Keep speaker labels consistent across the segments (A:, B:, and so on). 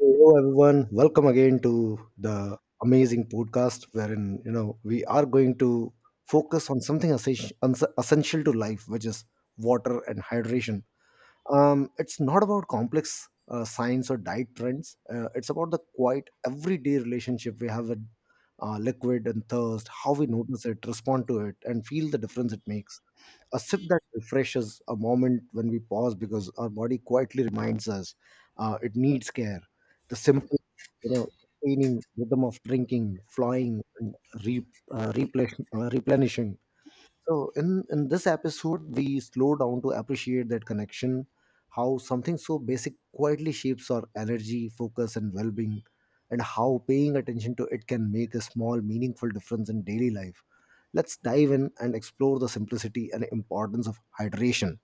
A: Hello everyone, welcome again to the amazing podcast wherein we are going to focus on something essential to life, which is water and hydration. It's not about complex science or diet trends. It's about the quiet everyday relationship we have with liquid and thirst, how we notice it, respond to it, and feel the difference it makes. A sip that refreshes, a moment when we pause because our body quietly reminds us it needs care, the simple, you know sustaining rhythm of drinking, flying and re, replenishing. So in this episode we slow down to appreciate that connection, how something so basic quietly shapes our energy, focus and well-being, and how paying attention to it can make a small meaningful difference in daily life. Let's dive in and explore the simplicity and importance of hydration.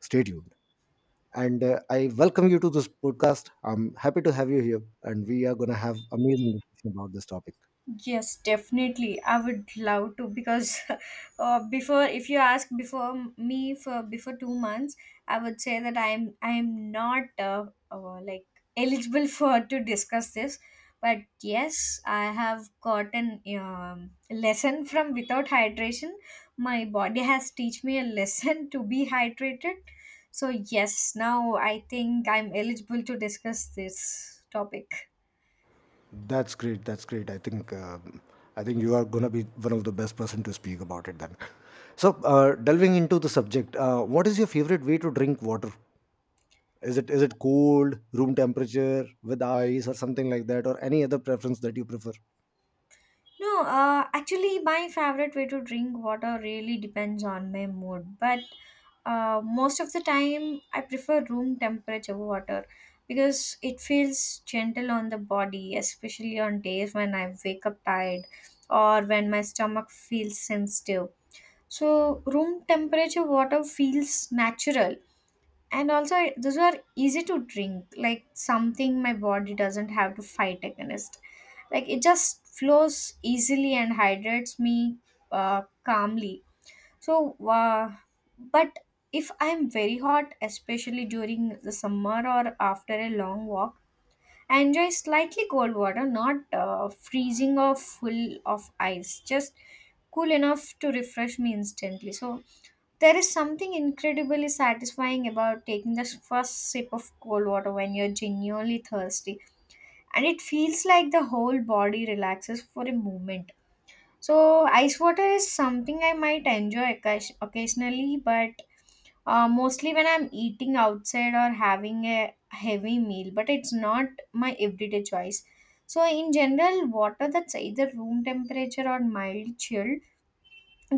A: Stay tuned. And I welcome you to this podcast. I'm happy to have you here, and we are going to have amazing discussion about this topic.
B: Yes, definitely. I would love to because before, if you ask before me for before 2 months, I would say that I'm not like eligible for to discuss this. But yes, I have gotten lesson from without hydration. My body has teach me a lesson to be hydrated. So yes, now I think I'm eligible to discuss this topic.
A: That's great. That's great. I think you are going to be one of the best person to speak about it. Then, so delving into the subject, what is your favorite way to drink water? Is it cold, room temperature, with ice, or something like that, or any other preference that you prefer?
B: No, actually, my favorite way to drink water really depends on my mood. But most of the time, I prefer room temperature water because it feels gentle on the body, especially on days when I wake up tired or when my stomach feels sensitive. So, room temperature water feels natural and those are easy to drink, like something my body doesn't have to fight against. Like it just flows easily and hydrates me calmly. So uh, but if I'm very hot, especially during the summer or after a long walk, I enjoy slightly cold water, not freezing or full of ice, just cool enough to refresh me instantly. So there is something incredibly satisfying about taking the first sip of cold water when you're genuinely thirsty, and it feels like the whole body relaxes for a moment. So, ice water is something I might enjoy occasionally, but mostly when I'm eating outside or having a heavy meal, but it's not my everyday choice. So, in general, water that's either room temperature or mild chilled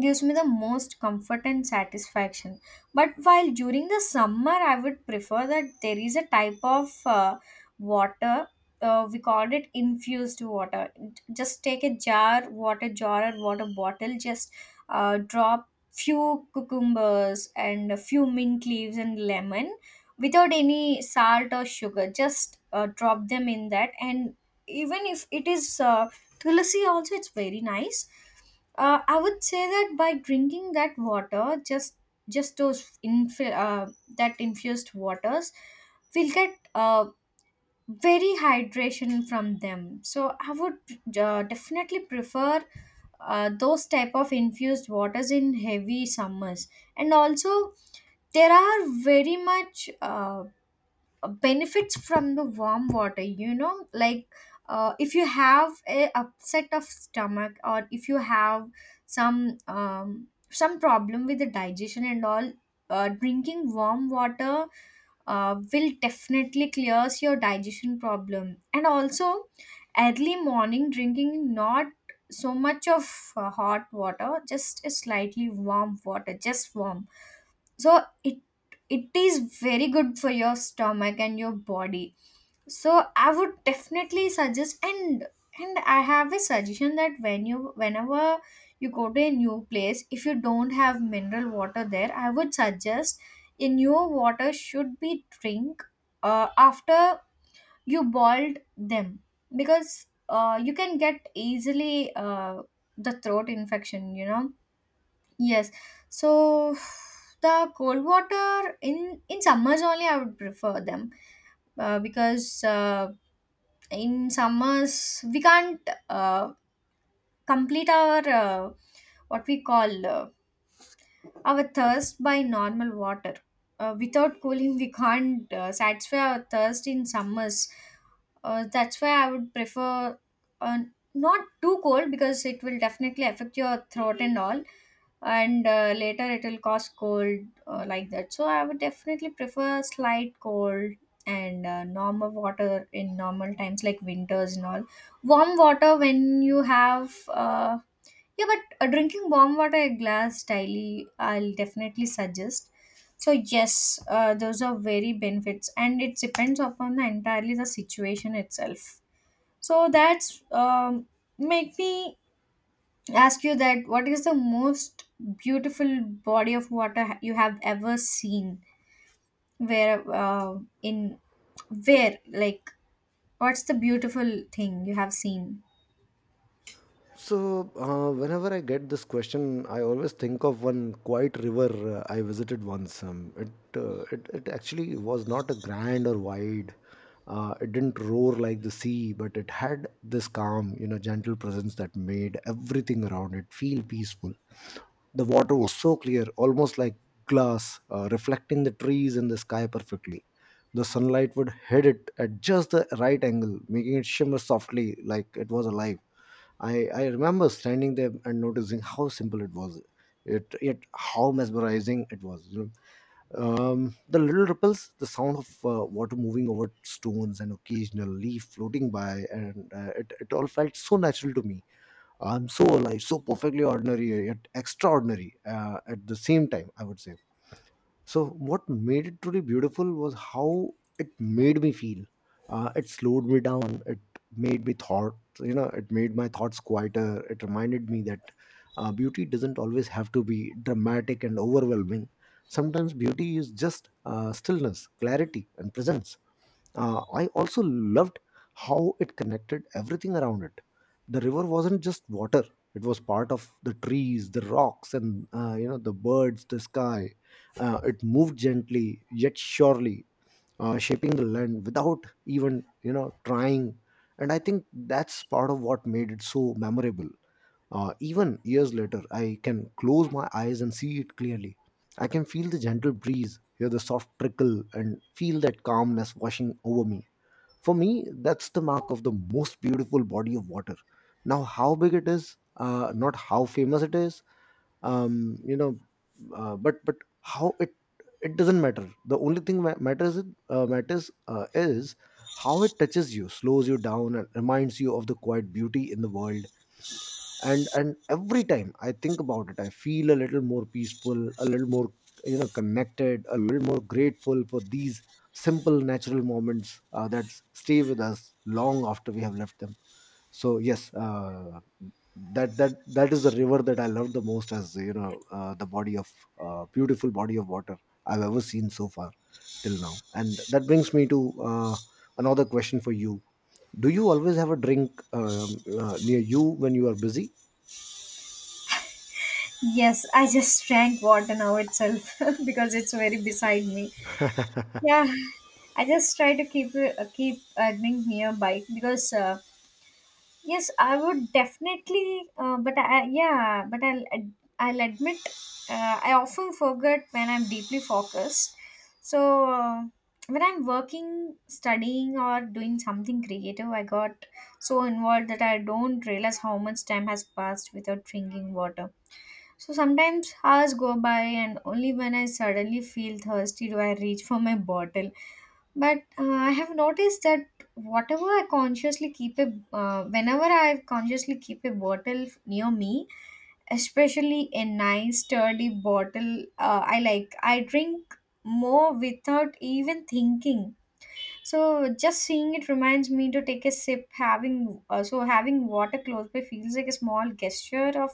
B: gives me the most comfort and satisfaction. But while during the summer I would prefer that. There is a type of water, we called it infused water. Just take a jar water jar or water bottle, just drop few cucumbers and a few mint leaves and lemon, without any salt or sugar, just drop them in that. And even if it is tulsi, also it's very nice. I would say that by drinking that water, just that infused waters, we'll get very hydration from them. So I would definitely prefer those type of infused waters in heavy summers. And also, there are very much benefits from the warm water, you know. Like if you have a upset of stomach, or if you have some problem with the digestion and all, drinking warm water will definitely clears your digestion problem. And also early morning drinking, not so much of hot water, just a slightly warm water, just warm, so it is very good for your stomach and your body. So I would definitely suggest. And I have a suggestion that whenever you go to a new place, if you don't have mineral water there, I would suggest in your water should be drink after you boiled them, because you can get easily the throat infection, you know. Yes. So the cold water in summers only I would prefer them, because in summers we can't complete our what we call our thirst by normal water. Without cooling, we can't satisfy our thirst in summers. That's why I would prefer uh, not too cold, because it will definitely affect your throat and all, and later it will cause cold, like that. So I would definitely prefer slight cold, and normal water in normal times like winters and all, warm water when you have yeah but drinking warm water a glass daily, I'll definitely suggest. So yes, those are very benefits, and it depends upon the entirely the situation itself. So that's make me ask you that what is the most beautiful body of water you have ever seen, where in where like what's the beautiful thing you have seen?
A: So, whenever I get this question, I always think of one quiet river I visited once. It actually was not a grand or wide. It didn't roar like the sea, but it had this calm, you know, gentle presence that made everything around it feel peaceful. The water was so clear, almost like glass, reflecting the trees and the sky perfectly. The sunlight would hit it at just the right angle, making it shimmer softly like it was alive. I remember standing there and noticing how simple it was, yet how mesmerizing it was. You know, the little ripples, the sound of water moving over stones, and occasional leaf floating by, and it all felt so natural to me. I'm so alive, so perfectly ordinary, yet extraordinary at the same time, I would say. So what made it truly beautiful was how it made me feel. It slowed me down. It made me thought. You know, it made my thoughts quieter. It reminded me that beauty doesn't always have to be dramatic and overwhelming. Sometimes beauty is just stillness, clarity, and presence. I also loved how it connected everything around it. The river wasn't just water; it was part of the trees, the rocks, and you know the birds, the sky. It moved gently yet surely, shaping the land without even you know trying. And I think that's part of what made it so memorable. Even years later, I can close my eyes and see it clearly. I can feel the gentle breeze, hear the soft trickle, and feel that calmness washing over me. For me, that's the mark of the most beautiful body of water. Now, how big it is, not how famous it is, you know, but how it doesn't matter. The only thing that matters is how it touches you, slows you down, and reminds you of the quiet beauty in the world. And every time I think about it, I feel a little more peaceful, a little more, you know, connected, a little more grateful for these simple natural moments that stay with us long after we have left them. So yes, that is the river that I love the most, as you know, the body of beautiful body of water I've ever seen so far till now. And that brings me to uh, another question for you. Do you always have a drink near you when you are busy?
B: Yes, I just drank water now itself because it's very beside me. Yeah, I just try to keep earning nearby, because yes, I would definitely. But I'll admit, I often forget when I'm deeply focused. So when I'm working, studying, or doing something creative, I got so involved that I don't realize how much time has passed without drinking water. So sometimes hours go by, and only when I suddenly feel thirsty do I reach for my bottle. But I have noticed that whatever I consciously keep a whenever I consciously keep a bottle near me, especially a nice sturdy bottle, I drink more without even thinking. So just seeing it reminds me to take a sip. Having so having water close by feels like a small gesture of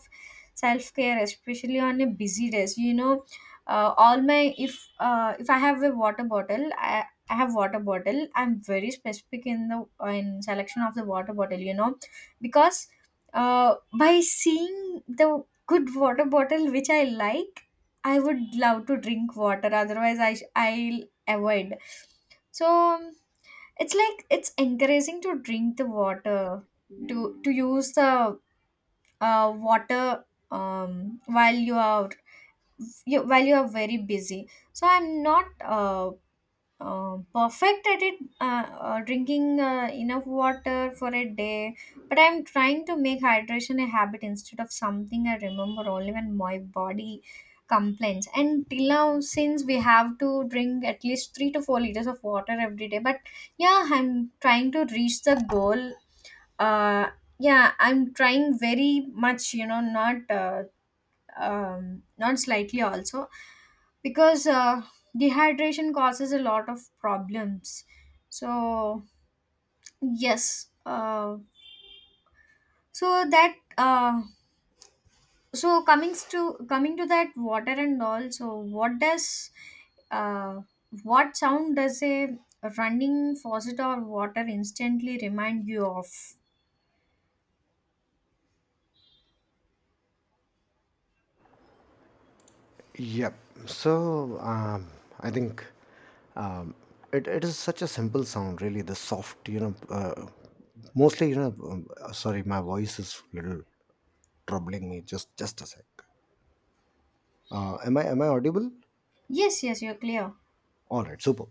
B: self care, especially on a busy day. So, you know, all my if I have a water bottle, I have water bottle. I'm very specific in the in selection of the water bottle. You know, because by seeing the good water bottle which I like, I would love to drink water. Otherwise, I'll avoid. So it's like it's encouraging to drink the water, to to use the water while while you are very busy. So I'm not perfect at it, drinking enough water for a day, but I'm trying to make hydration a habit instead of something I remember only when my body complains. And till now, since we have to drink at least 3 to 4 liters of water every day, but yeah, I'm trying to reach the goal. uh yeah, I'm trying very much, you know, not not slightly also, because dehydration causes a lot of problems. So yes, so that so coming to that water and all. So uh, what sound does a running faucet or water instantly remind you of?
A: Yep. So um, I think um, it, it is such a simple sound, really. The soft, you know, mostly, you know. Sorry, my voice is little troubling me. Just a sec. Am I audible?
B: Yes, yes, you're clear.
A: All right, super.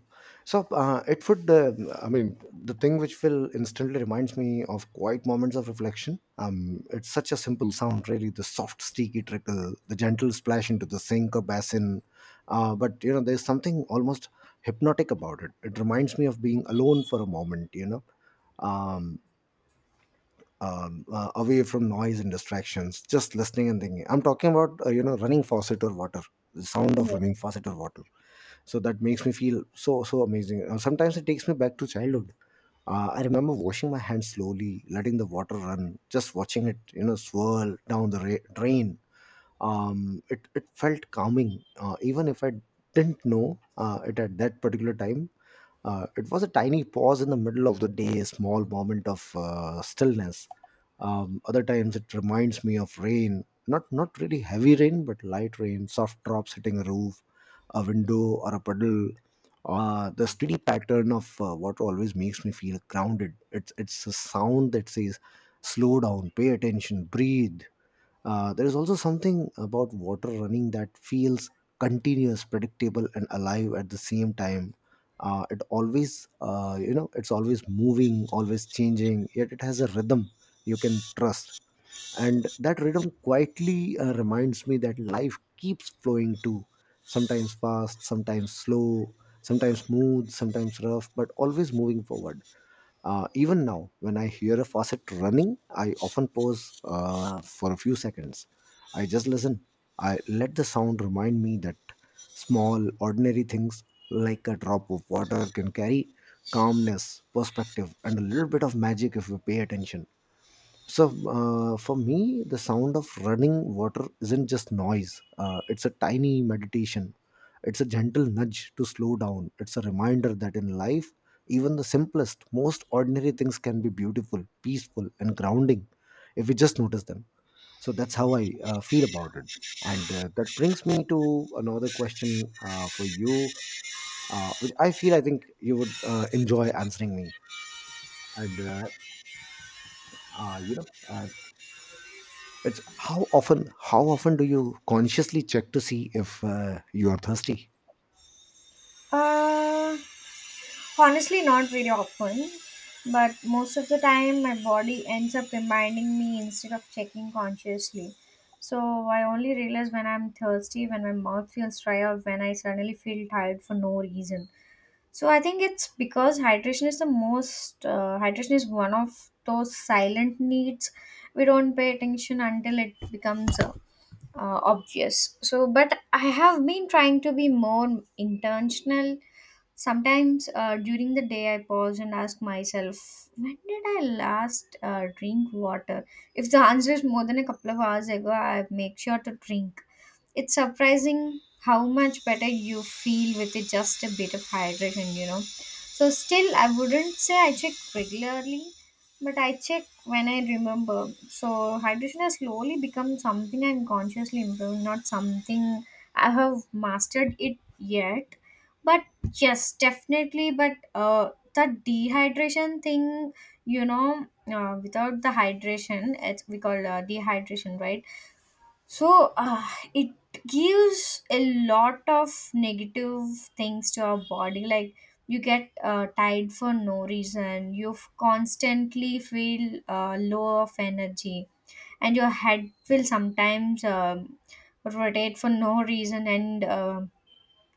A: So I mean, the thing which will instantly reminds me of quiet moments of reflection. It's such a simple sound, really. The soft, sticky trickle, the gentle splash into the sink or basin. But you know, there's something almost hypnotic about it. It reminds me of being alone for a moment. You know, um, away from noise and distractions, just listening and thinking. I'm talking about you know running faucet or water, the sound of
B: yes
A: running faucet or water. So that makes me feel so so amazing. Sometimes it takes me back to childhood. Uh, I remember washing my hands slowly, letting the water run, just watching it, you know, swirl down the drain. It felt calming, even if I didn't know it at that particular time. Uh, it was a tiny pause in the middle of the day, a small moment of stillness. Other times it reminds me of rain, not really heavy rain, but light rain, soft drops hitting a roof, a window, or a puddle. The steady pattern of water always makes me feel grounded. It's a sound that says, "Slow down, pay attention, breathe." There is also something about water running that feels continuous, predictable, and alive at the same time. It always, you know, it's always moving, always changing, yet it has a rhythm you can trust. And that rhythm quietly reminds me that life keeps flowing too. Sometimes fast, sometimes slow, sometimes smooth, sometimes rough, but always moving forward. Even now, when I hear a faucet running, I often pause for a few seconds. I just listen. I let the sound remind me that small, ordinary things like a drop of water can carry calmness, perspective, and a little bit of magic if we pay attention. So for me, the sound of running water isn't just noise. It's a tiny meditation. It's a gentle nudge to slow down. It's a reminder that in life, even the simplest, most ordinary things can be beautiful, peaceful, and grounding if we just notice them. So that's how I feel about it. And that brings me to another question for you, which I think you would enjoy answering me. And uh, uh, you know, uh, It's how often do you consciously check to see if you are thirsty?
B: uh Honestly, not very often, but most of the time my body ends up reminding me instead of checking consciously. So I only realize when I'm thirsty, when my mouth feels dry, or when I suddenly feel tired for no reason. So I think it's because hydration is one of those silent needs we don't pay attention until it becomes obvious. So, but I have been trying to be more intentional. Sometimes during the day, I pause and ask myself, when did I last drink water? If the answer is more than a couple of hours ago, I make sure to drink. It's surprising how much better you feel with it, just a bit of hydration, you know. So still I wouldn't say I check regularly, but I check when I remember. So hydration has slowly become something I'm consciously improving, not something I have mastered it yet. But yes, definitely, but the dehydration thing, you know, without the hydration, it's we call dehydration, right? So it gives a lot of negative things to our body. Like you get tired for no reason. You constantly feel low of energy, and your head will sometimes rotate for no reason. And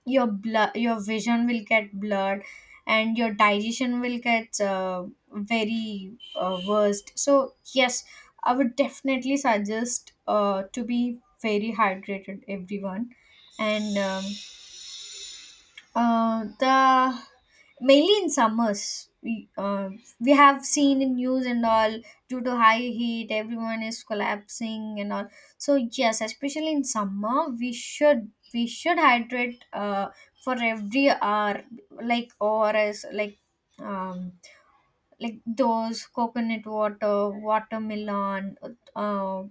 B: your blood your vision will get blurred, and your digestion will get very worst. So yes, I would definitely suggest to be very hydrated everyone. And the mainly in summers, we have seen in news and all, due to high heat everyone is collapsing and all. So yes, especially in summer, we should hydrate for every hour, like ORS, um like those coconut water, watermelon, uh,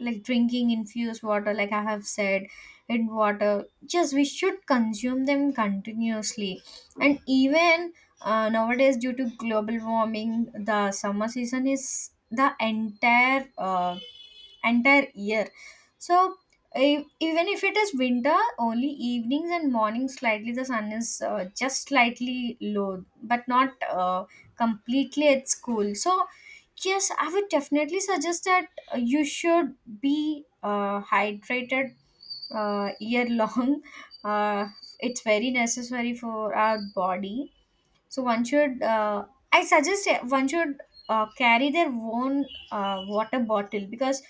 B: like drinking infused water like I have said, in water, just we should consume them continuously. And even nowadays, due to global warming, the summer season is the entire year. So e- even if it is winter, only evenings and mornings slightly the sun is just slightly low, but not completely at school. So yes, I would definitely suggest that you should be hydrated year long. uh, it's very necessary for our body. So one should, I suggest one should carry their own water bottle, because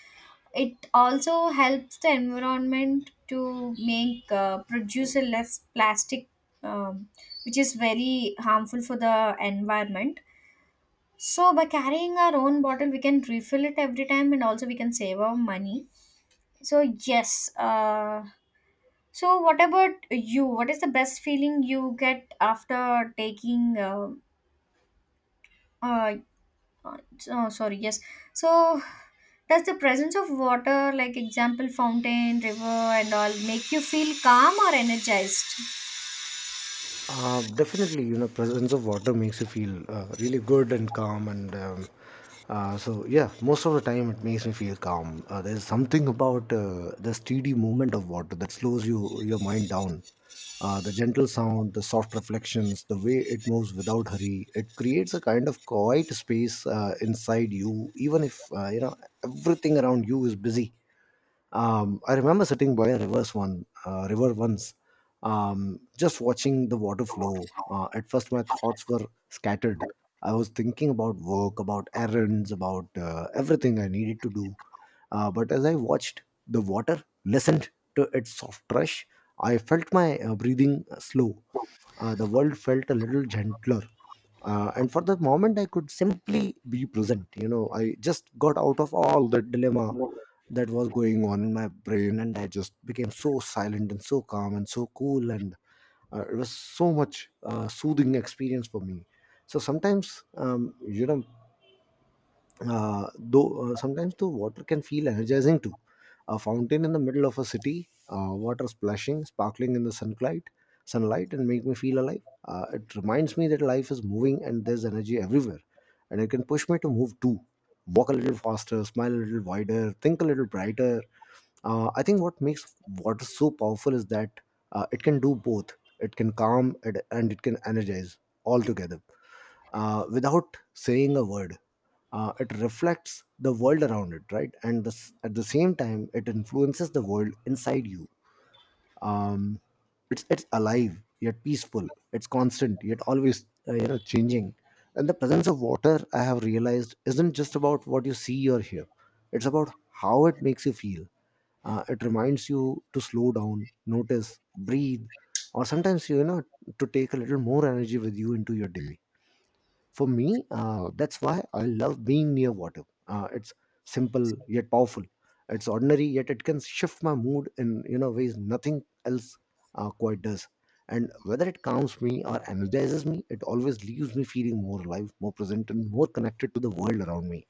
B: it also helps the environment to make produce a less plastic, um, which is very harmful for the environment. So by carrying our own bottle, we can refill it every time, and also we can save our money. So yes. So what about you? What is the best feeling you get after taking? Uh, Uh, oh sorry, yes. So does the presence of water, like example fountain, river and all, make you feel calm or energized?
A: Definitely, you know, presence of water makes you feel really good and calm, and so yeah, most of the time it makes me feel calm. There's something about the steady movement of water that slows you your mind down. The gentle sound, the soft reflections, the way it moves without hurry, it creates a kind of quiet space inside you, even if you know everything around you is busy. I remember sitting by a river once, just watching the water flow. At first, my thoughts were scattered. I was thinking about work, about errands, about everything I needed to do. But as I watched the water, listened to its soft rush, I felt my breathing slow. The world felt a little gentler, and for the moment I could simply be present. You know, I just got out of all the dilemma that was going on in my brain, and I just became so silent and so calm and so cool. And it was so much soothing experience for me. So sometimes you know though sometimes the water can feel energizing too. A fountain in the middle of a city, water splashing, sparkling in the sunlight, and make me feel alive. It reminds me that life is moving and there's energy everywhere, and it can push me to move too, walk a little faster, smile a little wider, think a little brighter. I think what makes water so powerful is that it can do both. It can calm it, and it can energize all together without saying a word. It reflects the world around it, right? And this, at the same time, it influences the world inside you. Um, it's alive yet peaceful. It's constant yet always, you know, changing. And the presence of water, I have realized, isn't just about what you see or hear. It's about how it makes you feel. It reminds you to slow down, notice, breathe, or sometimes to take a little more energy with you into your day. For me, that's why I love being near water. It's simple yet powerful. It's ordinary, yet it can shift my mood in ways nothing else quite does. And whether it calms me or energizes me, it always leaves me feeling more alive, more present, and more connected to the world around me.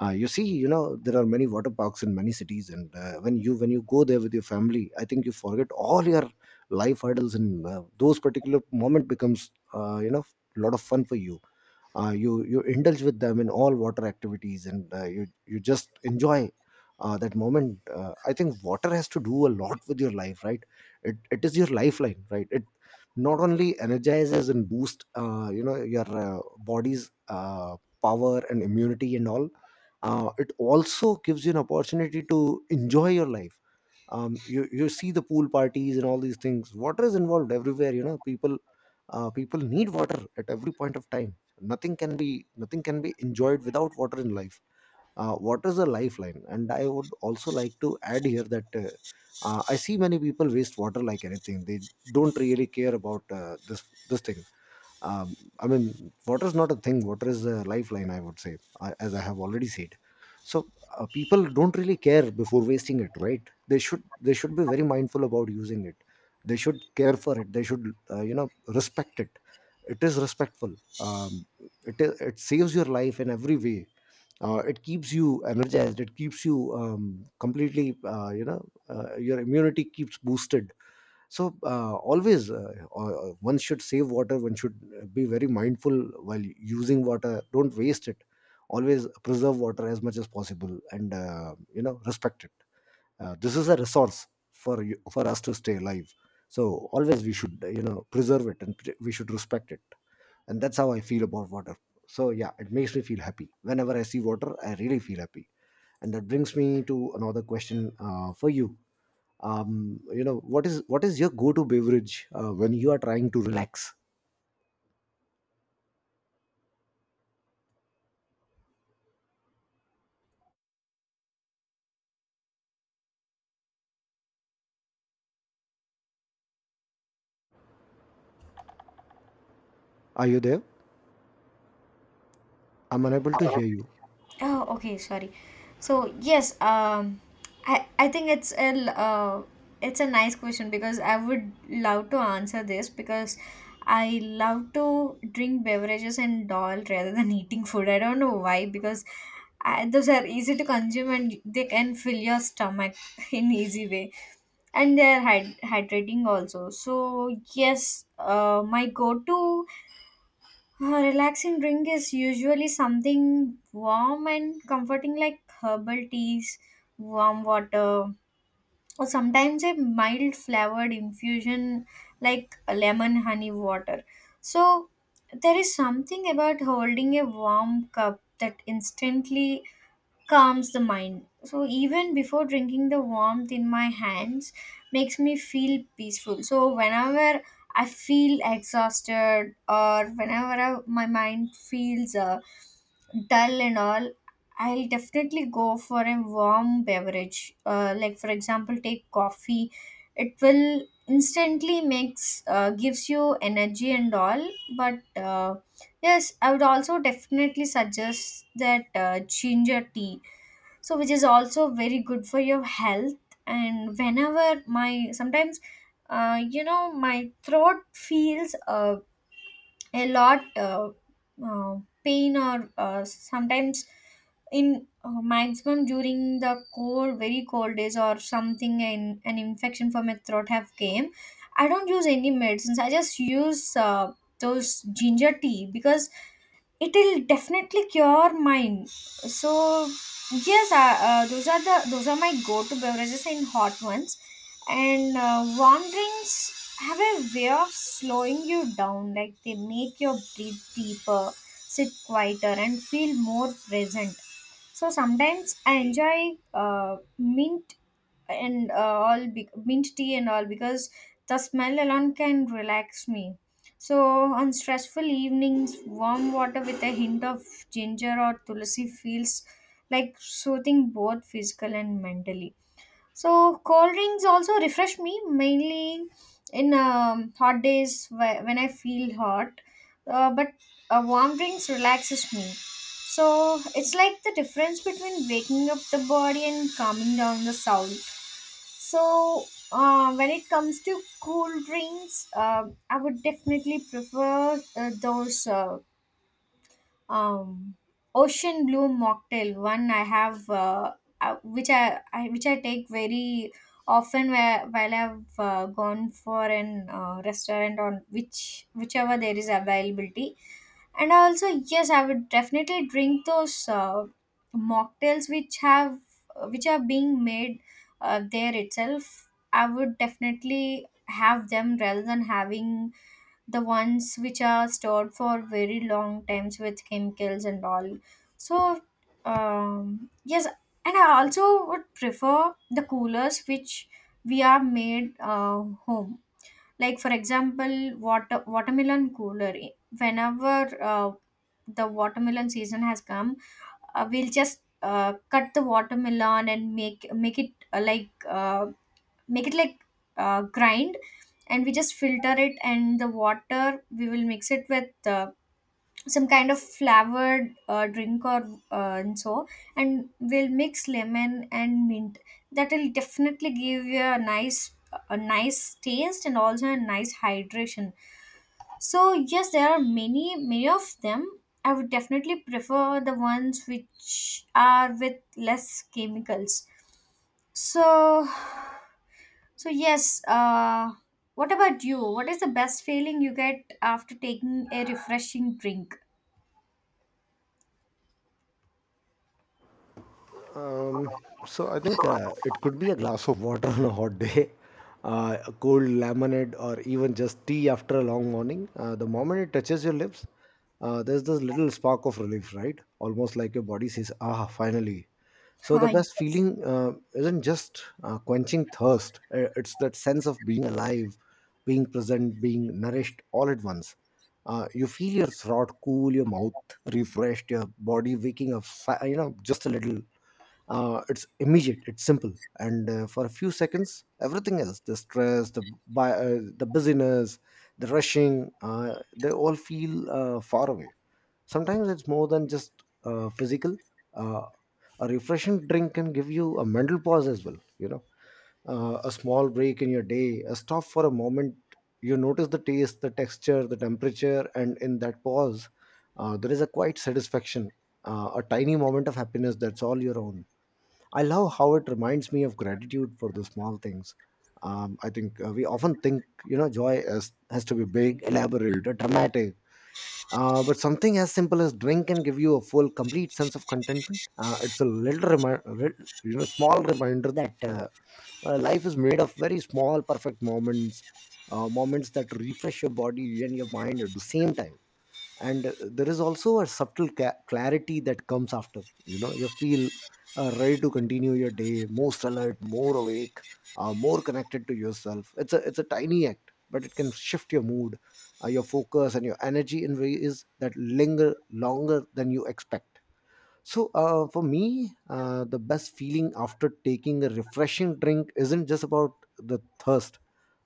A: You see, there are many water parks in many cities, and when you go there with your family, I think you forget all your life hurdles, and those particular moment becomes a lot of fun for you. You indulge with them in all water activities, and you just enjoy that moment. I think water has to do a lot with your life, right? It is your lifeline, right? It not only energizes and boosts your body's power and immunity and all. It also gives you an opportunity to enjoy your life. You see the pool parties and all these things. Water is involved everywhere, you know. People need water at every point of time. Nothing can be enjoyed without water in life. Water is a lifeline, and I would also like to add here that I see many people waste water like anything. They don't really care about this thing. I mean, water is not a thing, water is a lifeline, I would say, as I have already said. So people don't really care before wasting it, right? They should be very mindful about using it. They should care for it. They should respect it. It is respectful. It saves your life in every way. It keeps you energized. It keeps you completely your immunity keeps boosted. So always one should save water. One should be very mindful while using water. Don't waste it. Always preserve water as much as possible, and respect it. This is a resource for you, for us to stay alive. So always we should preserve it and we should respect it. And that's how I feel about water. So yeah, it makes me feel happy. Whenever I see water, I really feel happy. And that brings me to another question for you. You know What is your go-to beverage when you are trying to relax? Are you there? I'm unable to hear you.
B: Oh, okay, sorry. So yes, um, I think it's it's a nice question because I would love to answer this because I love to drink beverages and all rather than eating food. I don't know why because those are easy to consume and they can fill your stomach in easy way, and they're hydrating also. So yes, my go to a relaxing drink is usually something warm and comforting, like herbal teas, warm water, or sometimes a mild flavored infusion like lemon honey water. So, there is something about holding a warm cup that instantly calms the mind. So even before drinking, the warmth in my hands makes me feel peaceful. So whenever I feel exhausted or my mind feels dull and all, I'll definitely go for a warm beverage. Like for example, take coffee. It will instantly makes gives you energy and all, but. Yes, I would also definitely suggest that ginger tea so which is also very good for your health and whenever my sometimes you know my throat feels a lot uh, pain or sometimes in maximum during the cold very cold days or something and an infection for my throat have came. I don't use any medicines, I just use those ginger tea because it'll definitely cure mine. So yes, those are the those are my go-to beverages in hot ones, and warm drinks have a way of slowing you down, like they make your breathe deeper, sit quieter, and feel more present. So sometimes I enjoy mint and mint tea and all, because the smell alone can relax me. So on stressful evenings, warm water with a hint of ginger or tulsi feels like soothing both physical and mentally. So cold drinks also refresh me mainly in hot days when I feel hot, but warm drinks relaxes me. So it's like the difference between waking up the body and calming down the soul. So when it comes to cool drinks, I would definitely prefer those. Um ocean blue mocktail one I have, which I take very often, while I've gone for an restaurant on whichever there is availability. And also, yes, I would definitely drink those mocktails which have which are being made there itself. I would definitely have them rather than having the ones which are stored for very long times with chemicals and all. So yes, and I also would prefer the coolers which we are made home, like for example watermelon cooler. Whenever uh, the watermelon season has come, we'll just cut the watermelon and make it make it like grind, and we just filter it and the water we will mix it with some kind of flavored drink or and so, and we'll mix lemon and mint. That will definitely give you a nice taste and also a nice hydration. So yes, there are many of them. I would definitely prefer the ones which are with less chemicals. So, so yes, what about you? What is the best feeling you get after taking a refreshing drink?
A: Um, so I think it could be a glass of water on a hot day, a cold lemonade, or even just tea after a long morning. The moment it touches your lips, there's this little spark of relief, right? Almost like your body says, "Ah, finally." So the
B: Hi.
A: best feeling isn't just quenching thirst; it's that sense of being alive, being present, being nourished all at once. You feel your throat cool, your mouth refreshed, your body waking up, just a little. It's immediate, it's simple, and for a few seconds, everything else the stress, the busyness, the rushing, they all feel far away. Sometimes it's more than just physical. uh, a refreshing drink can give you a mental pause as well, you know. A small break in your day, a stop for a moment. You notice the taste, the texture, the temperature, and in that pause there is a quiet satisfaction, a tiny moment of happiness that's all your own. I love how it reminds me of gratitude for the small things. I think we often think, you know, joy has to be big, elaborate, or dramatic. But something as simple as drink can give you a full, complete sense of contentment. It's a little, small reminder that life is made of very small, perfect moments, moments that refresh your body and your mind at the same time. And there is also a subtle clarity that comes after, you know. You feel ready to continue your day, most alert, more awake, more connected to yourself. It's a tiny act, but it can shift your mood, your focus, and your energy in ways that linger longer than you expect. So, for me, the best feeling after taking a refreshing drink isn't just about the thirst.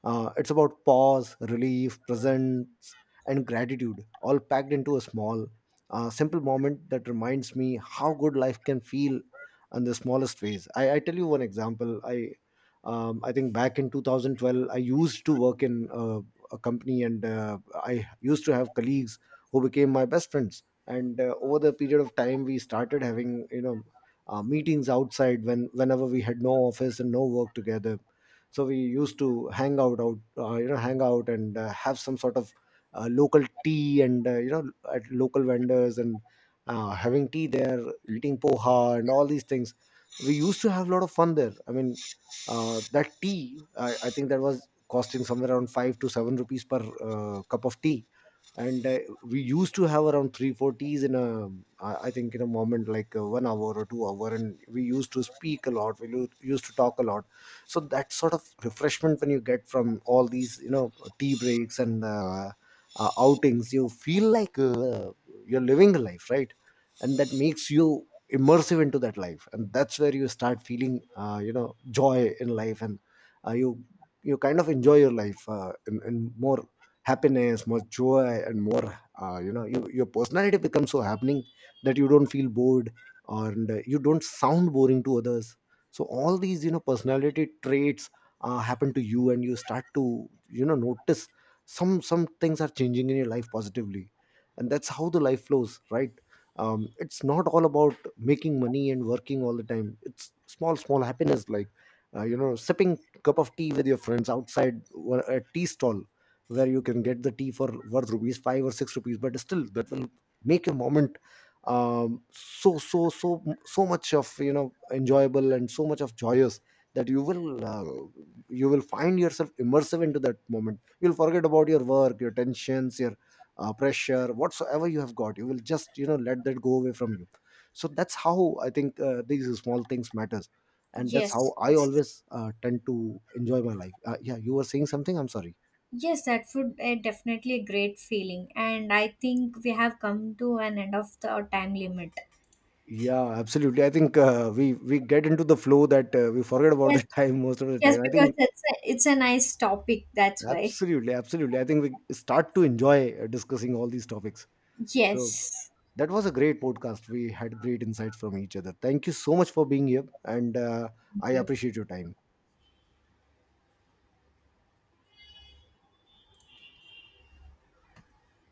A: It's about pause, relief, presence, and gratitude, all packed into a small, simple moment that reminds me how good life can feel in the smallest ways. I tell you one example. I think back in 2012, I used to work in a company, and I used to have colleagues who became my best friends. And over the period of time, we started having, you know, meetings outside whenever we had no office and no work together. So we used to hang out out you know hang out and have some sort of local tea, and at local vendors, and having tea there, eating poha and all these things. We used to have a lot of fun there. I mean, that tea, I think that was costing somewhere around 5 to 7 rupees per cup of tea. And we used to have around 340s in a I think in a moment like 1 hour or 2 hour, and we used to speak a lot. Used to talk a lot. So that sort of refreshment when you get from all these, you know, tea breaks and outings, you feel like you're living a life, right? And that makes you immersive into that life, and that's where you start feeling uh, you know joy in life. And you, you kind of enjoy your life in more happiness, more joy, and more your personality becomes so happening that you don't feel bored. And you don't sound boring to others. So all these, you know, personality traits happen to you, and you start to, you know, notice some things are changing in your life positively. And that's how the life flows, right? It's not all about making money and working all the time. It's small small happiness, like, sipping cup of tea with your friends outside or a tea stall where you can get the tea for worth rupees 5 or 6 rupees, but still that will make a moment um, so so so so much of, you know, enjoyable and so much of joyous that you will find yourself immersive into that moment. You'll forget about your work, your tensions, your pressure, whatsoever you have got. You will just, you know, let that go away from you. So that's how I think these small things matters. And that's
B: Yes,
A: how I
B: yes.
A: always tend to enjoy my life. Yeah, you were saying something, I'm sorry.
B: Yes, that would definitely a great feeling. And I think we have come to an end of the, our time limit.
A: Yeah, absolutely. I think we get into the flow that we forget about
B: Yes,
A: the time most of the
B: yes,
A: time. I
B: because
A: think
B: it's it's a nice topic, that's why.
A: absolutely, absolutely. I think we start to enjoy discussing all these topics. So
B: Yes.
A: that was a great podcast. We had great insights from each other. Thank you so much for being here, and
B: Thank
A: I
B: you.
A: appreciate your time.